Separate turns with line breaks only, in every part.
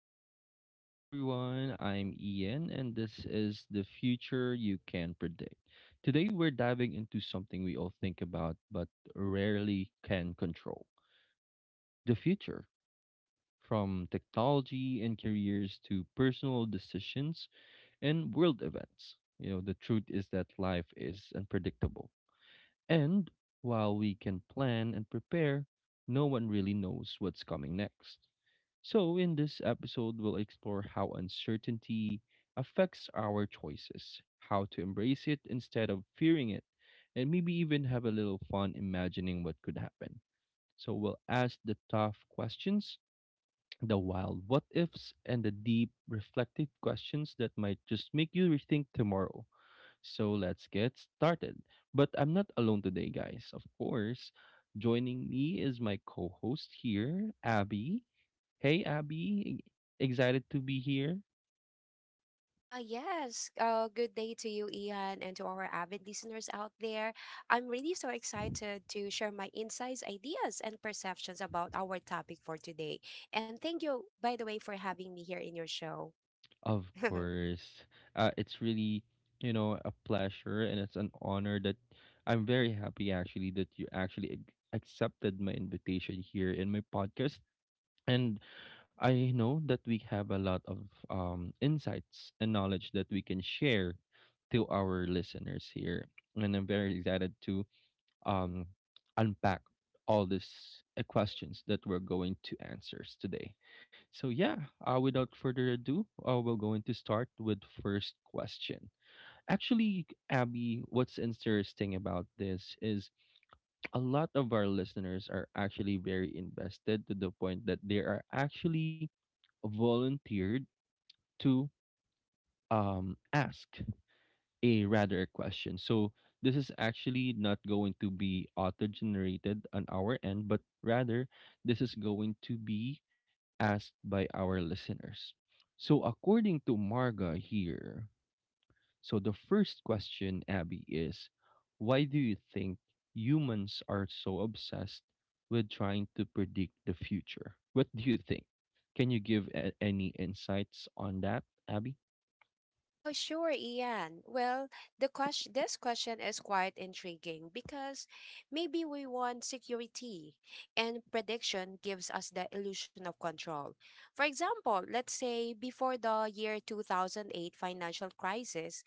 back to the show, everyone. I'm Ian, and this is the future you can predict. Today, we're diving into something we all think about but rarely can control the future. From technology and careers to personal decisions and world events. The truth is that life is unpredictable and while we can plan and prepare, no one really knows what's coming next. So, in this episode, we'll explore how uncertainty affects our choices, how to embrace it instead of fearing it, and maybe even have a little fun imagining what could happen. So, we'll ask the tough questions, the wild what ifs, and the deep reflective questions that might just make you rethink tomorrow. So let's get started. But I'm not alone today, guys. Of course, joining me is my co host here, Abby. Hey, Abby. Excited to be here?
Yes. Good day to you, Ian, and to our avid listeners out there. I'm really so excited to share my insights, ideas, and perceptions about our topic for today. And thank you, by the way, for having me here in your show.
Of course. It's really, a pleasure, and it's an honor that I'm very happy actually that you actually accepted my invitation here in my podcast. And I know that we have a lot of insights and knowledge that we can share to our listeners here. And I'm very excited to um, unpack all these questions that we're going to answers today. So yeah, without further ado, we're going to start with first question. Actually, Abby, what's interesting about this is a lot of our listeners are actually very invested to the point that they are actually volunteered to ask a rather a question. So this is actually not going to be auto generated on our end, but rather this is going to be asked by our listeners. So according to Marga here, so the first question, Abby, is why do you think humans are so obsessed with trying to predict the future? What do you think? Can you give any insights on that, Abby?
Oh, sure, Ian. Well, this question is quite intriguing because maybe we want security, and prediction gives us the illusion of control. For example, let's say before the year 2008 financial crisis,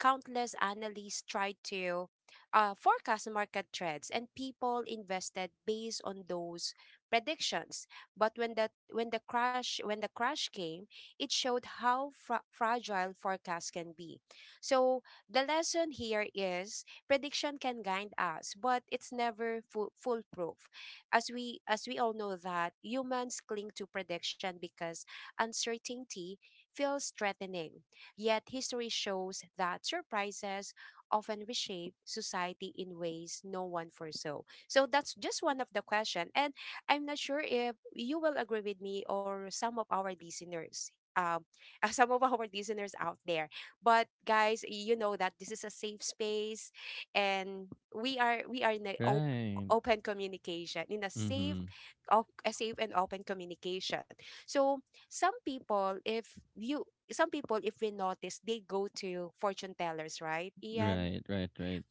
countless analysts tried to forecast market trends, and people invested based on those predictions. But when the crash came, it showed how fragile forecasts can be. So the lesson here is prediction can guide us, but it's never foolproof. As we all know, that humans cling to prediction because uncertainty feels threatening. Yet history shows that surprises often reshape society in ways no one foresaw. So that's just one of the question. And I'm not sure if you will agree with me or some of our listeners, um, some of our listeners out there. But guys, you know that this is a safe space, and we are in a
Right.
open communication in a safe,
Mm-hmm.
a safe and open communication. So, some people, if you some people, if we notice, they go to fortune tellers, right, Ian?
Right, right, right.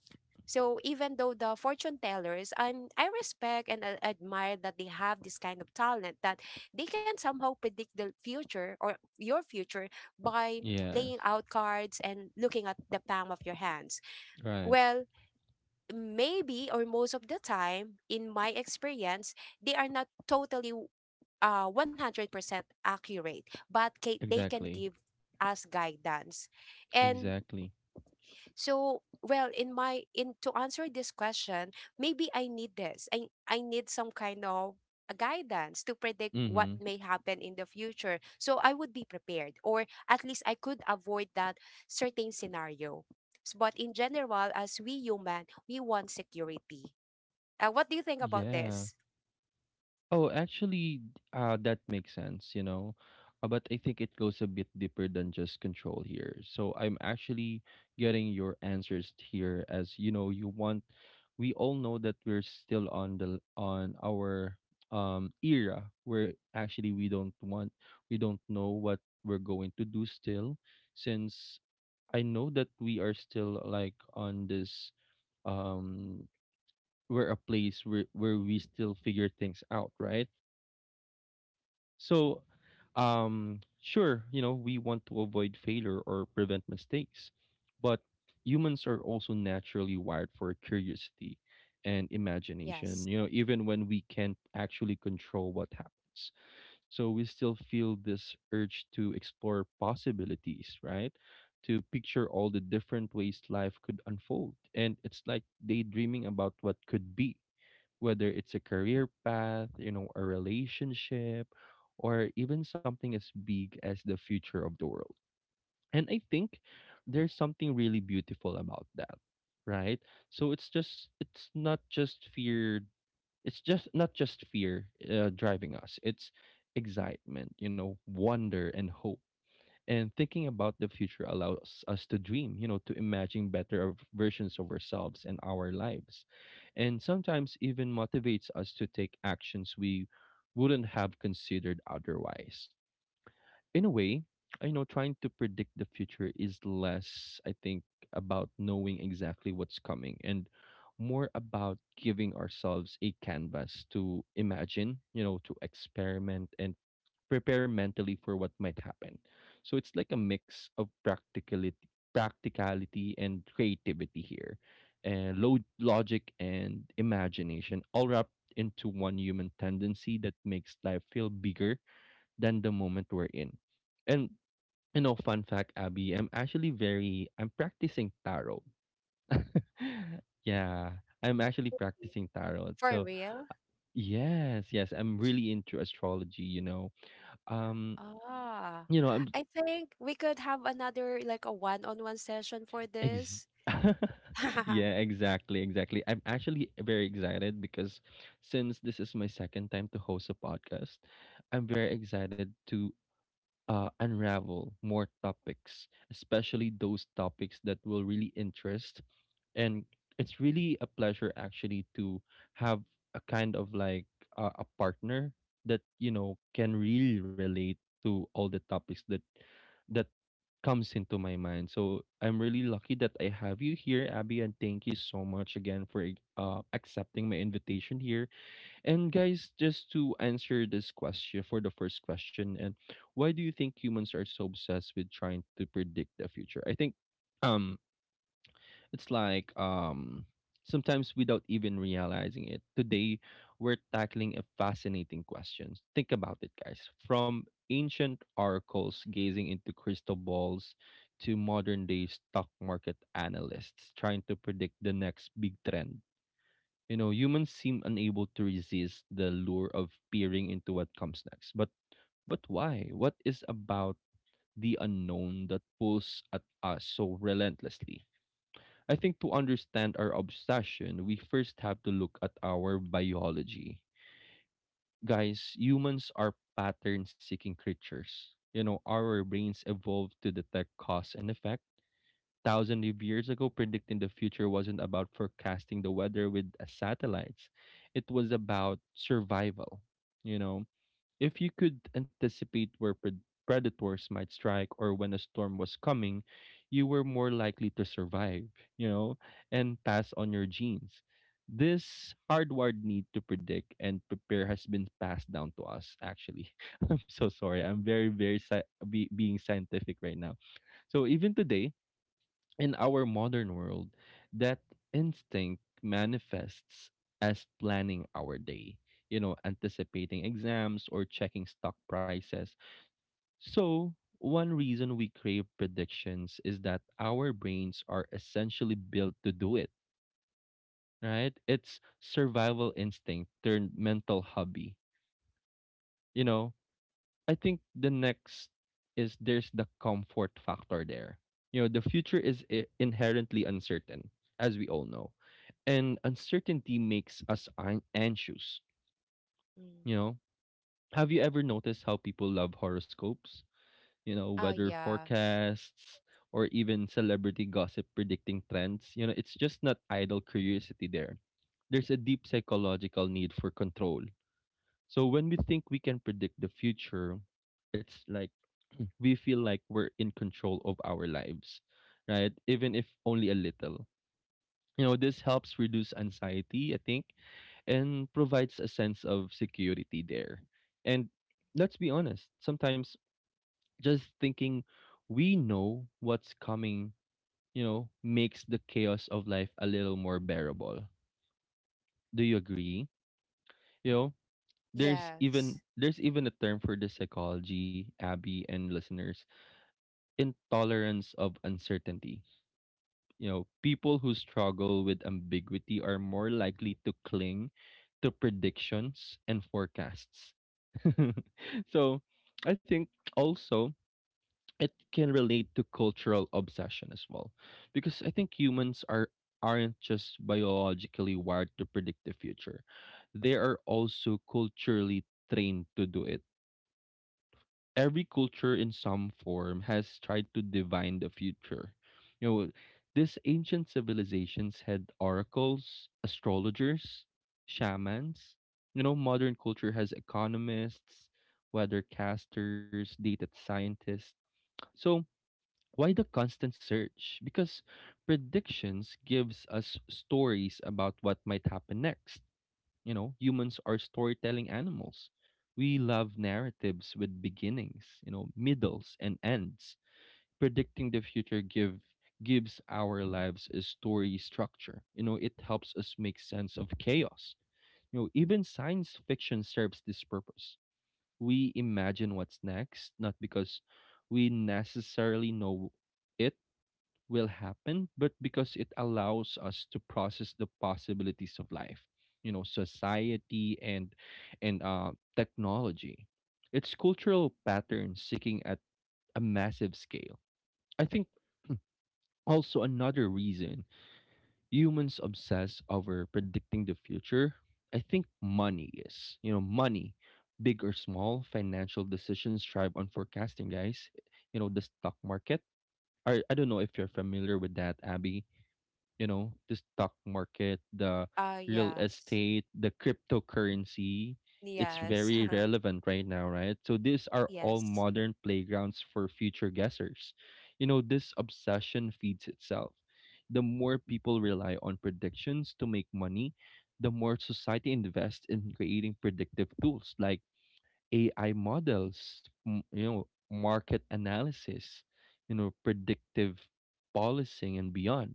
So even though the fortune tellers, I respect and admire that they have this kind of talent, that they can somehow predict the future or your future by laying
Yes.
out cards and looking at the palm of your hands.
Right.
Well, maybe or most of the time, in my experience, they are not totally 100% accurate, but they can
Exactly.
give us guidance. And
Exactly.
so, well, in to answer this question, maybe I need this. I need some kind of a guidance to predict what
Mm-hmm.
may happen in the future. So I would be prepared, or at least I could avoid that certain scenario. But in general, as we human, we want security. What do you think about
Yeah.
this?
Oh, actually, that makes sense. But I think it goes a bit deeper than just control here. So I'm actually getting your answers here as you know, you want we all know that we're still on the on our era where actually we don't want we don't know what we're going to do still, since I know that we are still like on this um we're a place where we still figure things out, right? So, sure, you know, we want to avoid failure or prevent mistakes, but humans are also naturally wired for curiosity and imagination,
Yes.
even when we can't actually control what happens. So, we still feel this urge to explore possibilities, right? To picture all the different ways life could unfold. And it's like daydreaming about what could be, whether it's a career path, a relationship, or even something as big as the future of the world. And I think there's something really beautiful about that, right? So it's just it's not just fear, driving us. It's excitement, wonder and hope, and thinking about the future allows us to dream, to imagine better versions of ourselves and our lives. And sometimes even motivates us to take actions we wouldn't have considered otherwise. In a way, trying to predict the future is less, I think, about knowing exactly what's coming and more about giving ourselves a canvas to imagine, to experiment and prepare mentally for what might happen. So it's like a mix of practicality and creativity here, and low logic and imagination, all wrapped into one human tendency that makes life feel bigger than the moment we're in. And fun fact, Abby, I'm actually very I'm practicing tarot. Yeah, I'm actually
Re-
practicing tarot.
for
So
real?
yes, yes, I'm really into astrology. Um,
Ah.
you know,
I think we could have another like a one-on-one session for
Ex-
this.
yeah, exactly, exactly. I'm actually very excited because since this is my second time to host a podcast, I'm very excited to unravel more topics, especially those topics that will really interest. And it's really a pleasure actually to have a kind of like a partner that can really relate to all the topics that that comes into my mind. So I'm really lucky that I have you here, Abby, and thank you so much again for accepting my invitation here. And guys, just to answer this question for the first question, and why do you think humans are so obsessed with trying to predict the future? I think um it's like sometimes without even realizing it. Today we're tackling a fascinating question. Think about it, guys. From ancient oracles gazing into crystal balls to modern day stock market analysts trying to predict the next big trend. Humans seem unable to resist the lure of peering into what comes next. But why? What is about the unknown that pulls at us so relentlessly? I think to understand our obsession, we first have to look at our biology. Guys, humans are pattern seeking creatures. Our brains evolved to detect cause and effect. Thousands of years ago, predicting the future wasn't about forecasting the weather with satellites, it was about survival. You know, if you could anticipate where predators might strike or when a storm was coming, you were more likely to survive, you know, and pass on your genes. This hardwired need to predict and prepare has been passed down to us, actually. I'm so sorry. I'm very, very being scientific right now. So even today, in our modern world, that instinct manifests as planning our day, anticipating exams or checking stock prices. So, one reason we crave predictions is that our brains are essentially built to do it, right? It's survival instinct turned mental hobby. You know, I think the next is there's the comfort factor there. The future is inherently uncertain, as we all know, and uncertainty makes us anxious.
Mm-mm.
You know, have you ever noticed how people love horoscopes, You know,
Oh,
weather
yes.
forecasts, or even celebrity gossip predicting trends? It's just not idle curiosity there. There's a deep psychological need for control. So when we think we can predict the future, it's like we feel like we're in control of our lives, right? Even if only a little. This helps reduce anxiety, I think, and provides a sense of security there. And let's be honest, sometimes just thinking we know what's coming, makes the chaos of life a little more bearable. Do you agree? You know, there's even
Yes.
there's even a term for this psychology, Abby and listeners: intolerance of uncertainty. People who struggle with ambiguity are more likely to cling to predictions and forecasts. So, I think also it can relate to cultural obsession as well, because I think humans aren't just biologically wired to predict the future. They are also culturally trained to do it. Every culture in some form has tried to divine the future. You know, these ancient civilizations had oracles, astrologers, shamans. Modern culture has economists, weathercasters, data scientists. So, why the constant search? Because predictions gives us stories about what might happen next. Humans are storytelling animals. We love narratives with beginnings, middles and ends. Predicting the future gives our lives a story structure. It helps us make sense of chaos. Even science fiction serves this purpose. We imagine what's next, not because we necessarily know it will happen, but because it allows us to process the possibilities of life, society, and technology. It's cultural patterns seeking at a massive scale. I think also another reason humans obsess over predicting the future. I think money is, money, big or small, financial decisions thrive on forecasting, guys. The stock market. I don't know if you're familiar with that, Abby. The stock market, the
Oh,
real
yes.
estate, the cryptocurrency, it's
Yes.
very relevant right now, right? So these are all
Yes.
modern playgrounds for future guessers. This obsession feeds itself. The more people rely on predictions to make money, the more society invests in creating predictive tools like AI models, market analysis, predictive policing and beyond.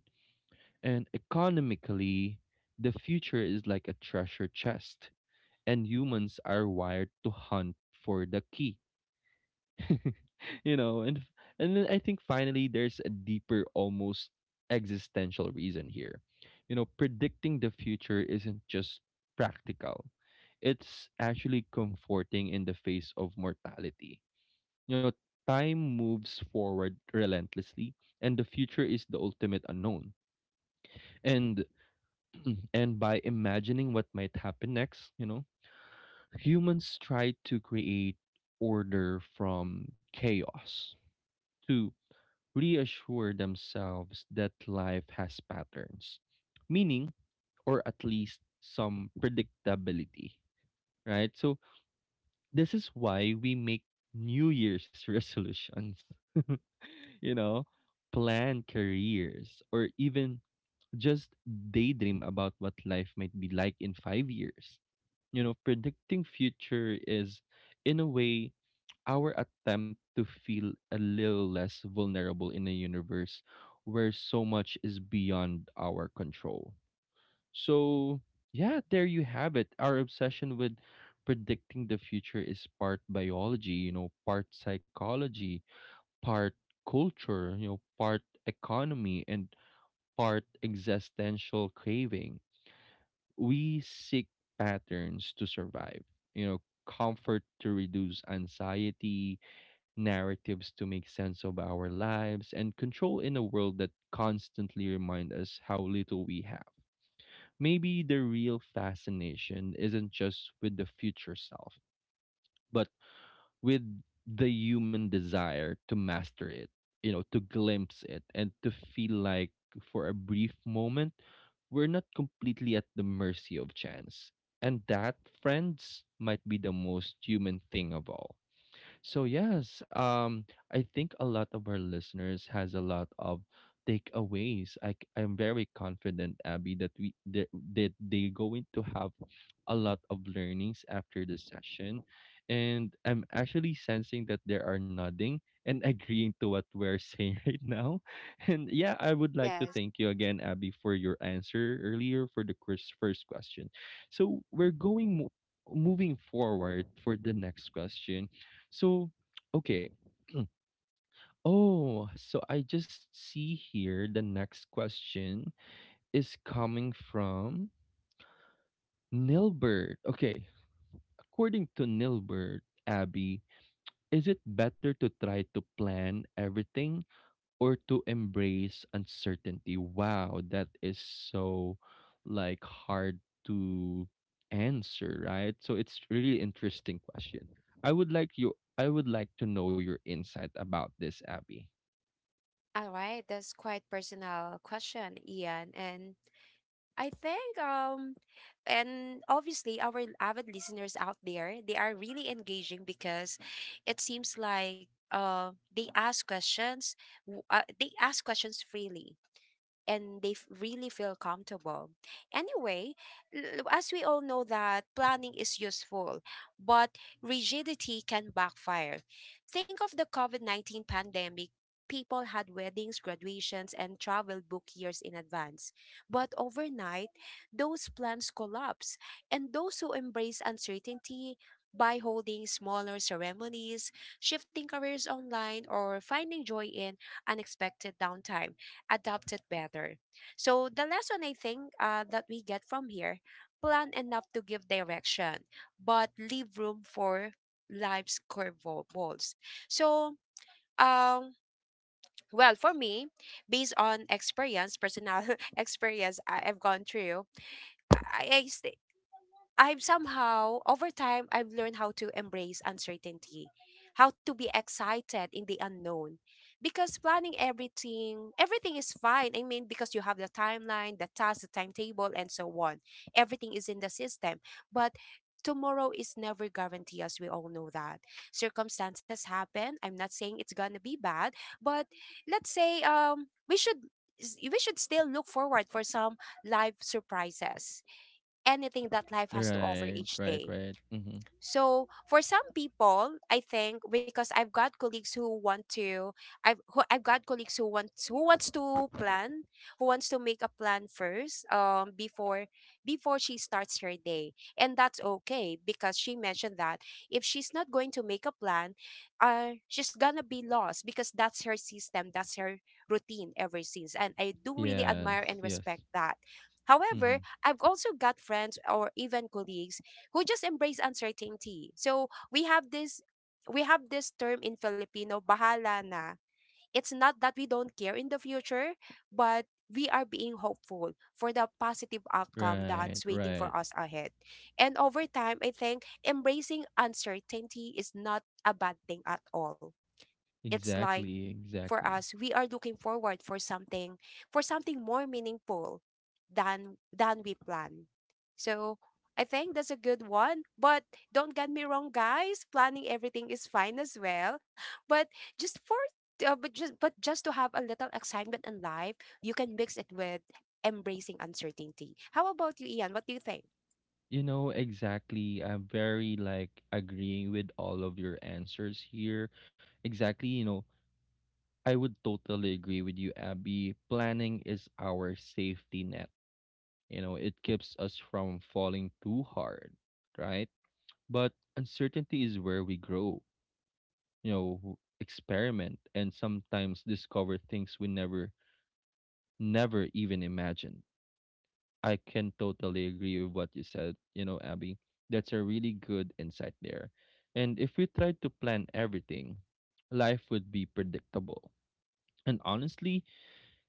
And economically, the future is like a treasure chest, and humans are wired to hunt for the key. you know, and and then I think finally there's a deeper, almost existential reason here. Predicting the future isn't just practical. It's actually comforting in the face of mortality. You know, time moves forward relentlessly, and the future is the ultimate unknown. And and by imagining what might happen next, humans try to create order from chaos to reassure themselves that life has patterns, meaning, or at least some predictability, right? So this is why we make New Year's resolutions, you know, plan careers, or even just daydream about what life might be like in 5 years. Predicting future is, in a way, our attempt to feel a little less vulnerable in a universe where so much is beyond our control. So, yeah, there you have it. Our obsession with predicting the future is part biology, part psychology, part culture, part economy, and part existential craving. We seek patterns to survive, comfort to reduce anxiety, narratives to make sense of our lives, and control in a world that constantly remind us how little we have. Maybe the real fascination isn't just with the future self, but with the human desire to master it, to glimpse it and to feel like for a brief moment, we're not completely at the mercy of chance. And that, friends, might be the most human thing of all. So yes, I think a lot of our listeners has a lot of takeaways. I'm very confident, Abby, that they're going to have a lot of learnings after the session, and I'm actually sensing that they are nodding and agreeing to what we're saying right now. And yeah, I would like to
Yes.
thank you again, Abby, for your answer earlier for the first question. So we're going. Mo- Moving forward for the next question, so okay. Mm. Oh, so I just see here the next question is coming from Nilbert. Okay. According to Nilbert, Abby, is it better to try to plan everything or to embrace uncertainty? Wow, that is so like hard to answer, right? So it's really interesting question. I would like to know your insight about this, Abby.
All right. That's quite personal question, Ian. And I think, and obviously our avid listeners out there, they are really engaging because it seems like they ask questions they ask questions freely and they really feel comfortable. Anyway, as we all know, that planning is useful, but rigidity can backfire. Think of the COVID-19 pandemic. People had weddings, graduations, and travel booked years in advance. But overnight, those plans collapse, and those who embrace uncertainty by holding smaller ceremonies, shifting careers online, or finding joy in unexpected downtime adapt it better. So the lesson, I think, that we get from here, plan enough to give direction, but leave room for life's curveballs. So, um well, for me, based on experience, personal experience, I- I've gone through i, I st- I've somehow, over time, I've learned how to embrace uncertainty, how to be excited in the unknown. Because planning everything, everything is fine. I mean, because you have the timeline, the task, the timetable, and so on. Everything is in the system. But tomorrow is never guaranteed, as we all know that. Circumstances happen. I'm not saying it's gonna be bad, but let's say we should, we should still look forward for some life surprises, anything that life has to offer
Right,
each
right,
day.
right. Mm-hmm.
So for some people, I think, because I've got colleagues who want to, I've got colleagues who wants to plan, who wants to make a plan first, before before she starts her day, and that's okay because she mentioned that if she's not going to make a plan, she's gonna be lost because that's her system, that's her routine ever since, and I do really admire
Yes,
and respect
yes.
that.
Mm-hmm.
However, I've also got friends or even colleagues who just embrace uncertainty. So we have this term in Filipino, bahala na. It's not that we don't care in the future, but we are being hopeful for the positive outcome
Right,
that's waiting for
right.
us ahead. And over time, I think embracing uncertainty is not a bad thing at all. It's like
Exactly,
for
exactly.
us we are looking forward for something, for something more meaningful than we plan. So I think that's a good one, but don't get me wrong, guys, planning everything is fine as well, but just for but just to have a little excitement in life, you can mix it with embracing uncertainty. How about you, Ian? What do you think?
You know, exactly. I'm very like agreeing with all of your answers here. Exactly, I would totally agree with you, Abby. Planning is our safety net. You know, it keeps us from falling too hard, right? But uncertainty is where we grow. You know, experiment and sometimes discover things we never even imagined. I can totally agree with what you said, Abby. That's a really good insight there. And if we tried to plan everything, life would be predictable and honestly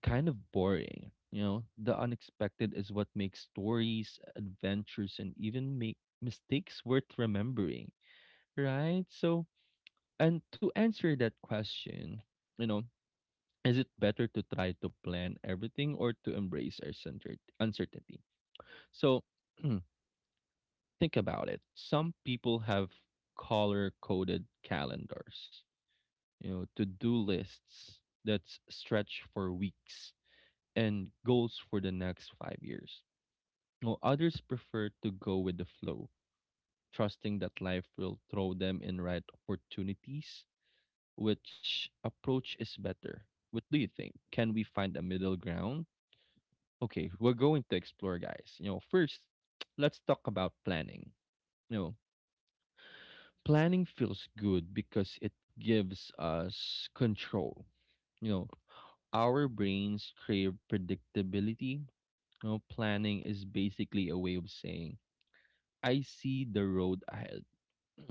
kind of boring. You know, the unexpected is what makes stories, adventures, and even make mistakes worth remembering, right? So, and to answer that question, you know, is it better to try to plan everything or to embrace our centered uncertainty? So think about it. Some people have color coded calendars, to do lists that stretch for weeks and goals for the next 5 years. While others prefer to go with the flow, trusting that life will throw them in right opportunities. Which approach is better? What do you think? Can we find a middle ground? Okay, we're going to explore, guys. You know, first, let's talk about planning. No. Planning feels good because it gives us control. You know, our brains crave predictability. You know, planning is basically a way of saying, I see the road ahead.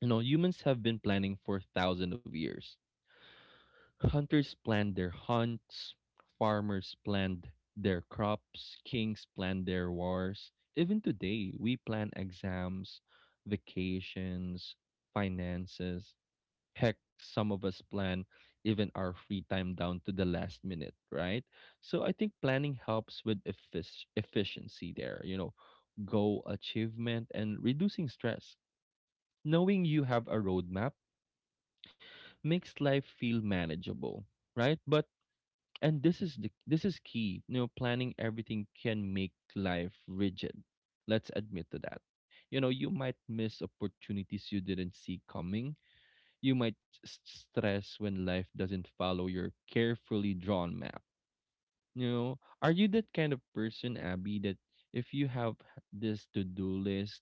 you humans have been planning for thousands of years. Hunters planned their hunts, farmers planned their crops, kings planned their wars. Even today, we plan exams, vacations, finances. Heck, some of us plan even our free time down to the last minute, right? So I think planning helps with efficiency there, goal achievement and reducing stress. Knowing you have a roadmap makes life feel manageable, right? But and this is key. You know, planning everything can make life rigid. Let's admit to that. You know, you might miss opportunities you didn't see coming. You might stress when life doesn't follow your carefully drawn map. You know, are you that kind of person, Abby, that if you have this to do list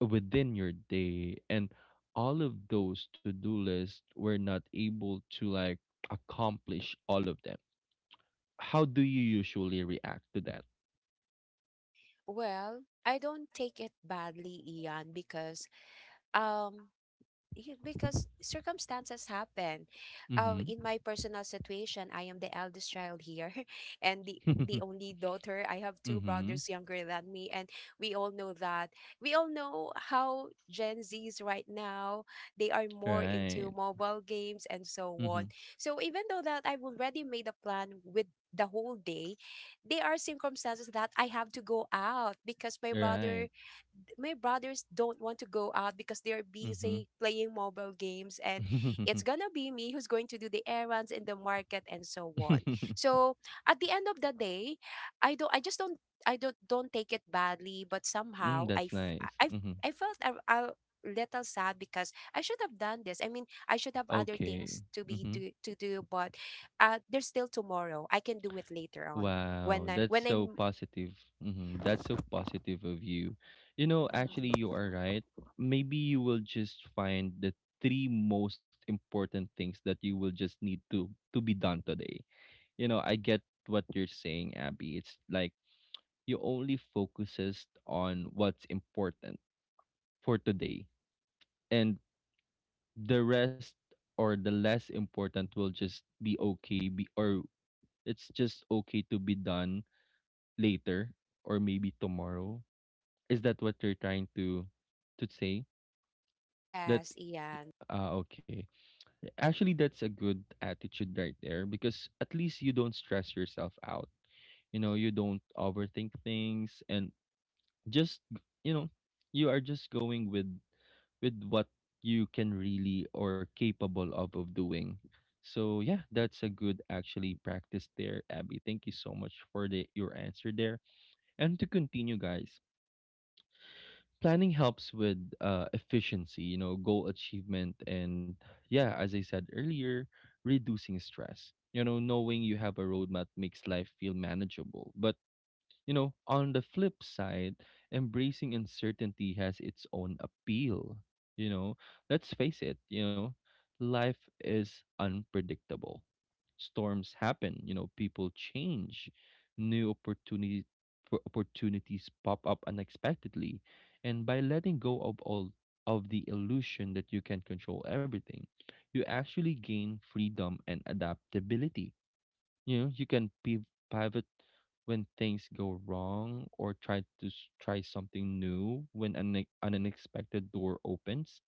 within your day and all of those to do lists were not able to like accomplish all of them, how do you usually react to that?
Well, I don't take it badly, Ian, because, um because circumstances happen.
Mm-hmm.
In my personal situation, I am the eldest child here and the only daughter. I have two
mm-hmm.
brothers younger than me, and we all know that. We all know how Gen Zs right now, they are more
Right.
into mobile games and so
Mm-hmm.
on. So even though that I've already made a plan with the whole day, there are circumstances that I have to go out because
Right.
my brothers don't want to go out because they're
Mm-hmm.
busy playing mobile games, and it's gonna be me who's going to do the errands in the market and so on. So at the end of the day, I don't I just don't I don't take it badly, but
mm,
somehow i
that's
f-
nice.
i, I I felt a little sad because I should have done this. I mean, I should have other
Okay.
things to
Mm-hmm.
be to do, but there's still tomorrow, I can do it later on when
Wow,
I
that's
when
so
I'm
positive. Mm-hmm. That's so positive of you. You know, actually, you are right. Maybe you will just find the three most important things that you will just need to be done today. You know, I get what you're saying, Abby. It's like you only focuses on what's important for today, and the rest or the less important will just be okay, be or it's just okay to be done later or maybe tomorrow? Is that what you're trying to say? That
Yes, Ian.
ah okay. Actually, that's a good attitude right there because at least you don't stress yourself out. You know, you don't overthink things and just you know, you are just going with what you can really or capable of doing. So yeah, that's a good actually practice there, Abby. Thank you so much for the your answer there. And to continue, guys, planning helps with efficiency, goal achievement, and yeah, as I said earlier, reducing stress. You know, knowing you have a roadmap makes life feel manageable. But on the flip side, embracing uncertainty has its own appeal. You know, let's face it, life is unpredictable. Storms happen, people change, new opportunities pop up unexpectedly. And by letting go of all of the illusion that you can control everything, you actually gain freedom and adaptability. You can pivot when things go wrong or try to try something new when an unexpected door opens.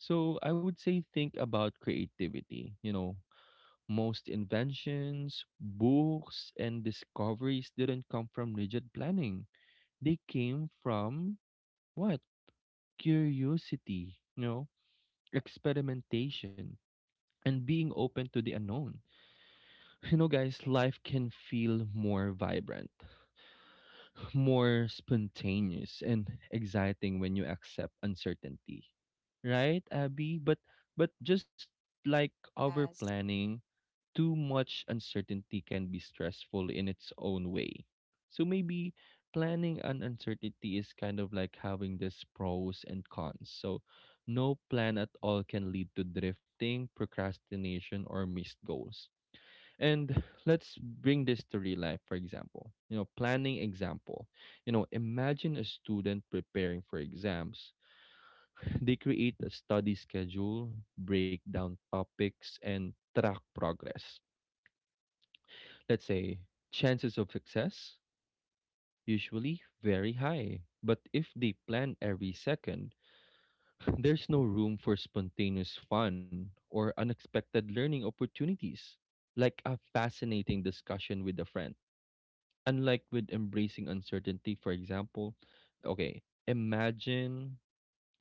So I would say think about creativity. Most inventions, books, and discoveries didn't come from rigid planning. They came from what? Curiosity, experimentation, and being open to the unknown. You know, guys, life can feel more vibrant, more spontaneous and exciting when you accept uncertainty. Right, Abby? But just like our
Yes.
planning, too much uncertainty can be stressful in its own way. So maybe planning an uncertainty is kind of like having this pros and cons. So no plan at all can lead to drifting, procrastination, or missed goals. And let's bring this to real life for example. Planning example, imagine a student preparing for exams. They create a study schedule, break down topics and track progress. Let's say chances of success usually very high. But if they plan every second, there's no room for spontaneous fun or unexpected learning opportunities like a fascinating discussion with a friend. Unlike with embracing uncertainty, for example, okay, imagine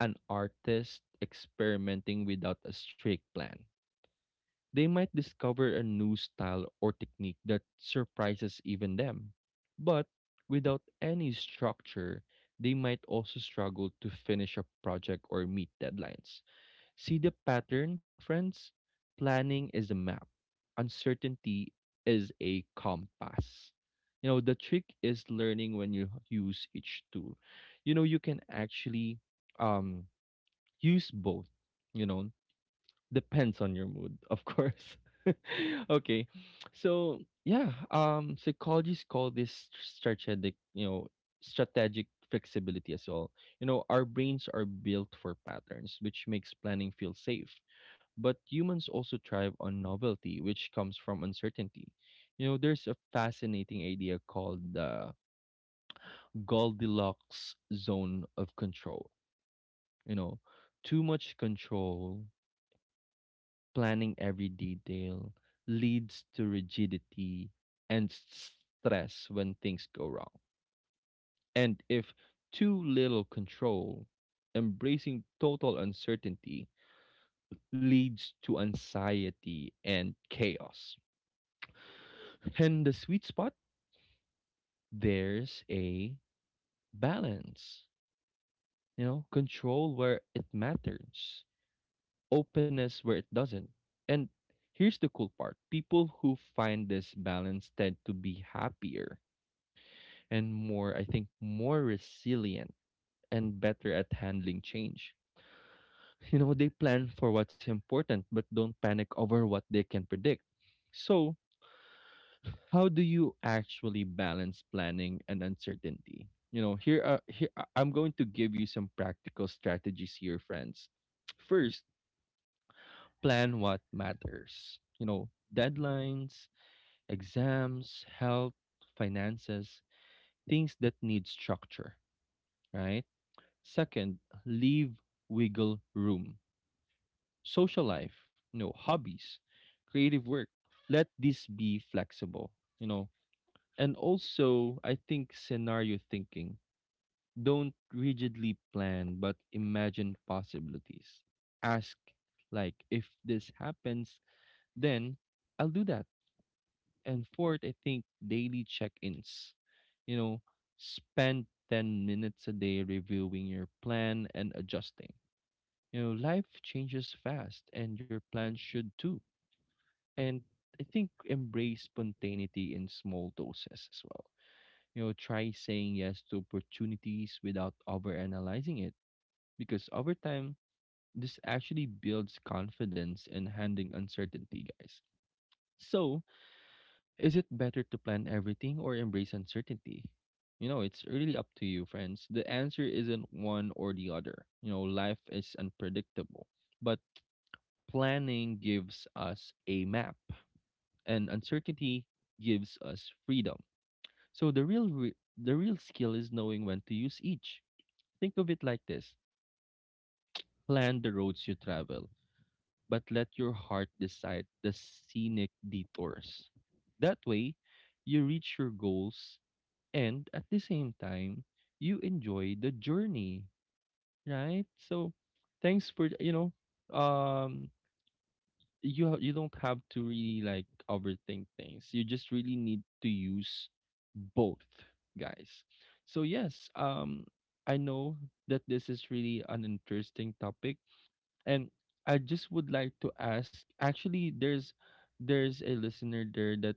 an artist experimenting without a strict plan. They might discover a new style or technique that surprises even them. But without any structure, they might also struggle to finish a project or meet deadlines. See the pattern, friends? Planning is a map. Uncertainty is a compass. You know, the trick is learning when you use each tool. You know, you can actually um use both, you know. Depends on your mood, of course. okay. So, yeah, psychologists call this strategic flexibility as well. You know, our brains are built for patterns, which makes planning feel safe. But humans also thrive on novelty, which comes from uncertainty. You know, there's a fascinating idea called the Goldilocks zone of control. You know, too much control, planning every detail, leads to rigidity and stress when things go wrong. And if too little control, embracing total uncertainty, leads to anxiety and chaos. And the sweet spot, there's a balance, you know, control where it matters, openness where it doesn't. And here's the cool part: people who find this balance tend to be happier and more, I think, more resilient and better at handling change. You know, they plan for what's important but don't panic over what they can predict. So, how do you actually balance planning and uncertainty? You know, here I'm going to give you some practical strategies here, friends. First, plan what matters. You know, deadlines, exams, health, finances, things that need structure, right? Second, leave wiggle room. Social life, hobbies, creative work. Let this be flexible, you know. And also, I think scenario thinking. Don't rigidly plan, but imagine possibilities. Ask, like, if this happens, then I'll do that. And fourth, I think daily check ins. You know, spend 10 minutes a day reviewing your plan and adjusting. You know, life changes fast and your plans should too. And I think embrace spontaneity in small doses as well. You know, try saying yes to opportunities without overanalyzing it because over time, this actually builds confidence in handling uncertainty, guys. So, is it better to plan everything or embrace uncertainty? You know, it's really up to you, friends. The answer isn't one or the other. You know, life is unpredictable. But planning gives us a map, and uncertainty gives us freedom. So the real skill is knowing when to use each. Think of it like this: plan the roads you travel, but let your heart decide the scenic detours. That way, you reach your goals and at the same time, you enjoy the journey, right? So, thanks for, um you don't have to really like overthink things. You just really need to use both, guys. So yes, I know that this is really an interesting topic and I just would like to ask actually there's a listener there that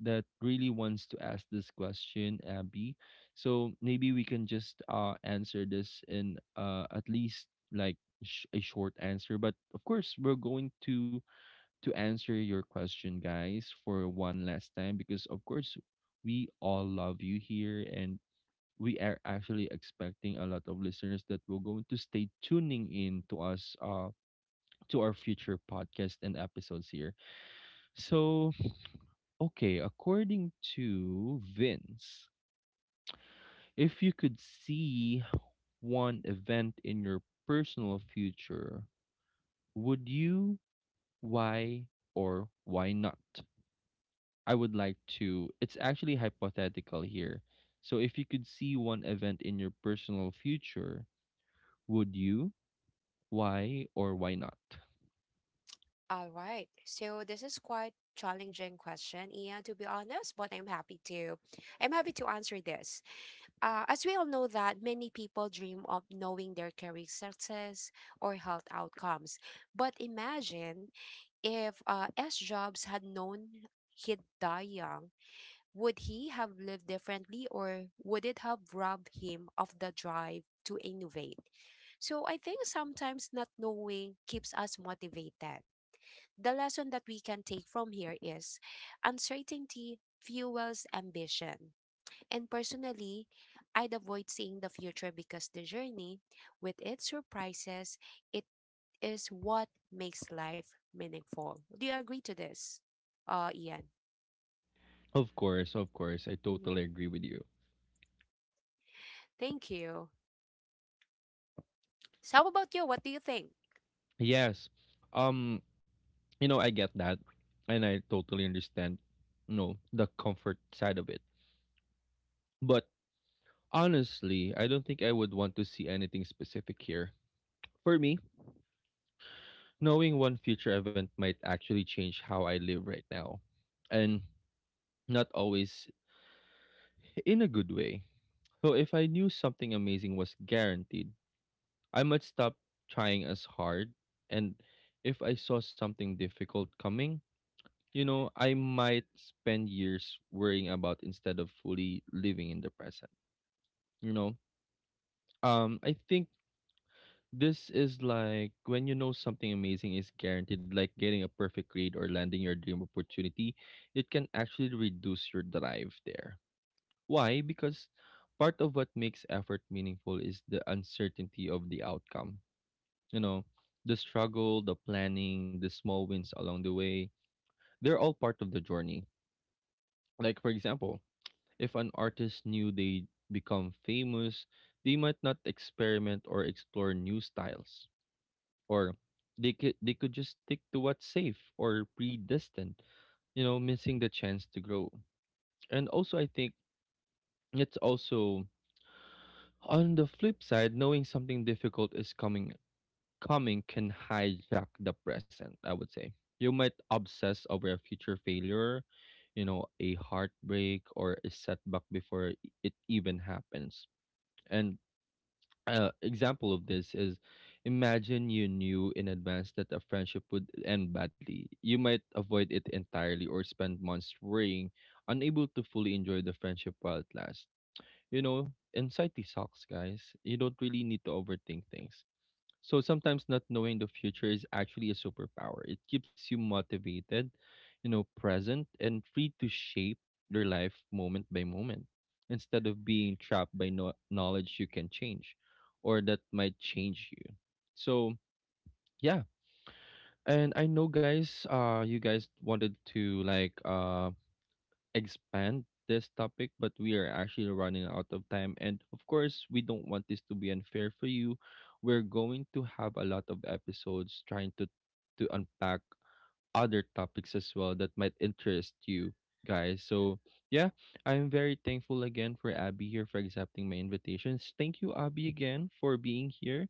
that really wants to ask this question, Abby. So maybe we can just answer this in at least like a short answer, but of course we're going to answer your question, guys, for one last time, because of course, we all love you here, and we are actually expecting a lot of listeners that will going to stay tuning in to us, to our future podcast and episodes here. So, okay, according to Vince, if you could see one event in your personal future, would you? Why or why not? I would like to. It's actually hypothetical here. So if you could see one event in your personal future, would you? Why or why not?
All right. So this is quite challenging question, Ian, to be honest, but I'm happy to answer this. As we all know that many people dream of knowing their career success or health outcomes. But imagine, if S. Jobs had known he'd die young, would he have lived differently, or would it have robbed him of the drive to innovate? So I think sometimes not knowing keeps us motivated. The lesson that we can take from here is uncertainty fuels ambition. And personally, I'd avoid seeing the future because the journey, with its surprises, is what makes life meaningful. Do you agree to this, Ian?
Of course, of course. I totally
Hmm.
agree with you.
Thank you. So, how about you? What do you think?
Yes. Um, you know, I get that and I totally understand, you know, the comfort side of it. But honestly, I don't think I would want to see anything specific here. For me, knowing one future event might actually change how I live right now and not always in a good way. So if I knew something amazing was guaranteed, I might stop trying as hard. And if I saw something difficult coming, you know, I might spend years worrying about instead of fully living in the present. You know, I think this is like when you know something amazing is guaranteed, like getting a perfect grade or landing your dream opportunity, it can actually reduce your drive there. Why? Because part of what makes effort meaningful is the uncertainty of the outcome. You know, the struggle, the planning, the small wins along the way, they're all part of the journey. Like, for example, if an artist knew they'd become famous, they might not experiment or explore new styles. Or they could just stick to what's safe or predestined, you know, missing the chance to grow. And also, I think it's also on the flip side, knowing something difficult is coming can hijack the present, I would say. You might obsess over a future failure, you know, a heartbreak or a setback before it even happens. And example of this is imagine you knew in advance that a friendship would end badly. You might avoid it entirely or spend months worrying, unable to fully enjoy the friendship while it lasts, you know, anxiety sucks, guys. You don't really need to overthink things. So sometimes not knowing the future is actually a superpower. It keeps you motivated, you know, present and free to shape your life moment by moment instead of being trapped by knowledge you can change or that might change you. So, yeah. And I know guys, you guys wanted to like expand this topic, but we are actually running out of time. And of course, we don't want this to be unfair for you. We're going to have a lot of episodes trying to unpack other topics as well that might interest you guys. So yeah, I'm very thankful again for Abby here for accepting my invitations. Thank you, Abby, again for being here.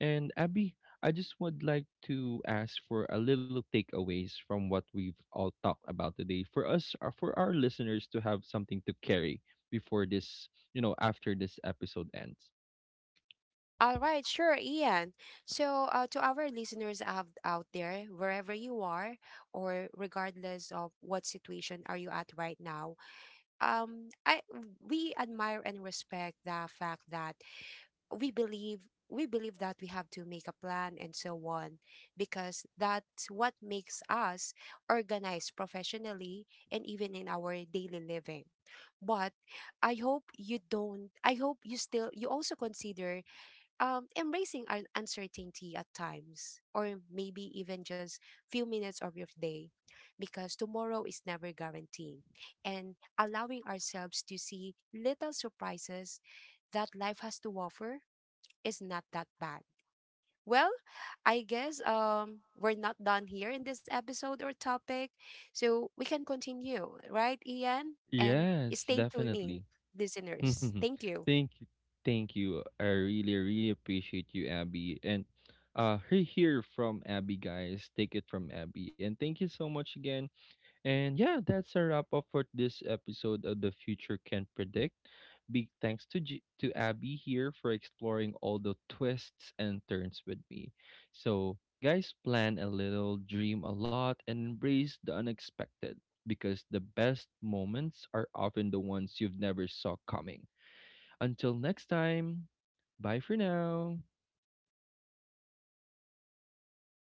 And Abby, I just would like to ask for a little takeaways from what we've all talked about today for us, for our listeners to have something to carry before this, you know, after this episode ends.
All right, sure, Ian. So, to our listeners out there, wherever you are, or regardless of what situation are you at right now, I we admire and respect the fact that we believe we believe that we have to make a plan and so on because that's what makes us organized professionally and even in our daily living. But I hope you don't, I hope you still, you also consider embracing uncertainty at times, or maybe even just few minutes of your day, because tomorrow is never guaranteed, and allowing ourselves to see little surprises that life has to offer is not that bad. Well, I guess we're not done here in this episode or topic. So we can continue, right, Ian? And
Yes,
stay tuned in,
definitely.
listeners.
Hmm.
Thank you.
Thank you, thank you. I really, really appreciate you, Abby. And hear here from Abby, guys. Take it from Abby. And thank you so much again. And yeah, that's a wrap up for this episode of The Future Can Predict. Big thanks to to Abby here for exploring all the twists and turns with me. So guys, plan a little, dream a lot, and embrace the unexpected because the best moments are often the ones you've never saw coming. Until next time, bye for now.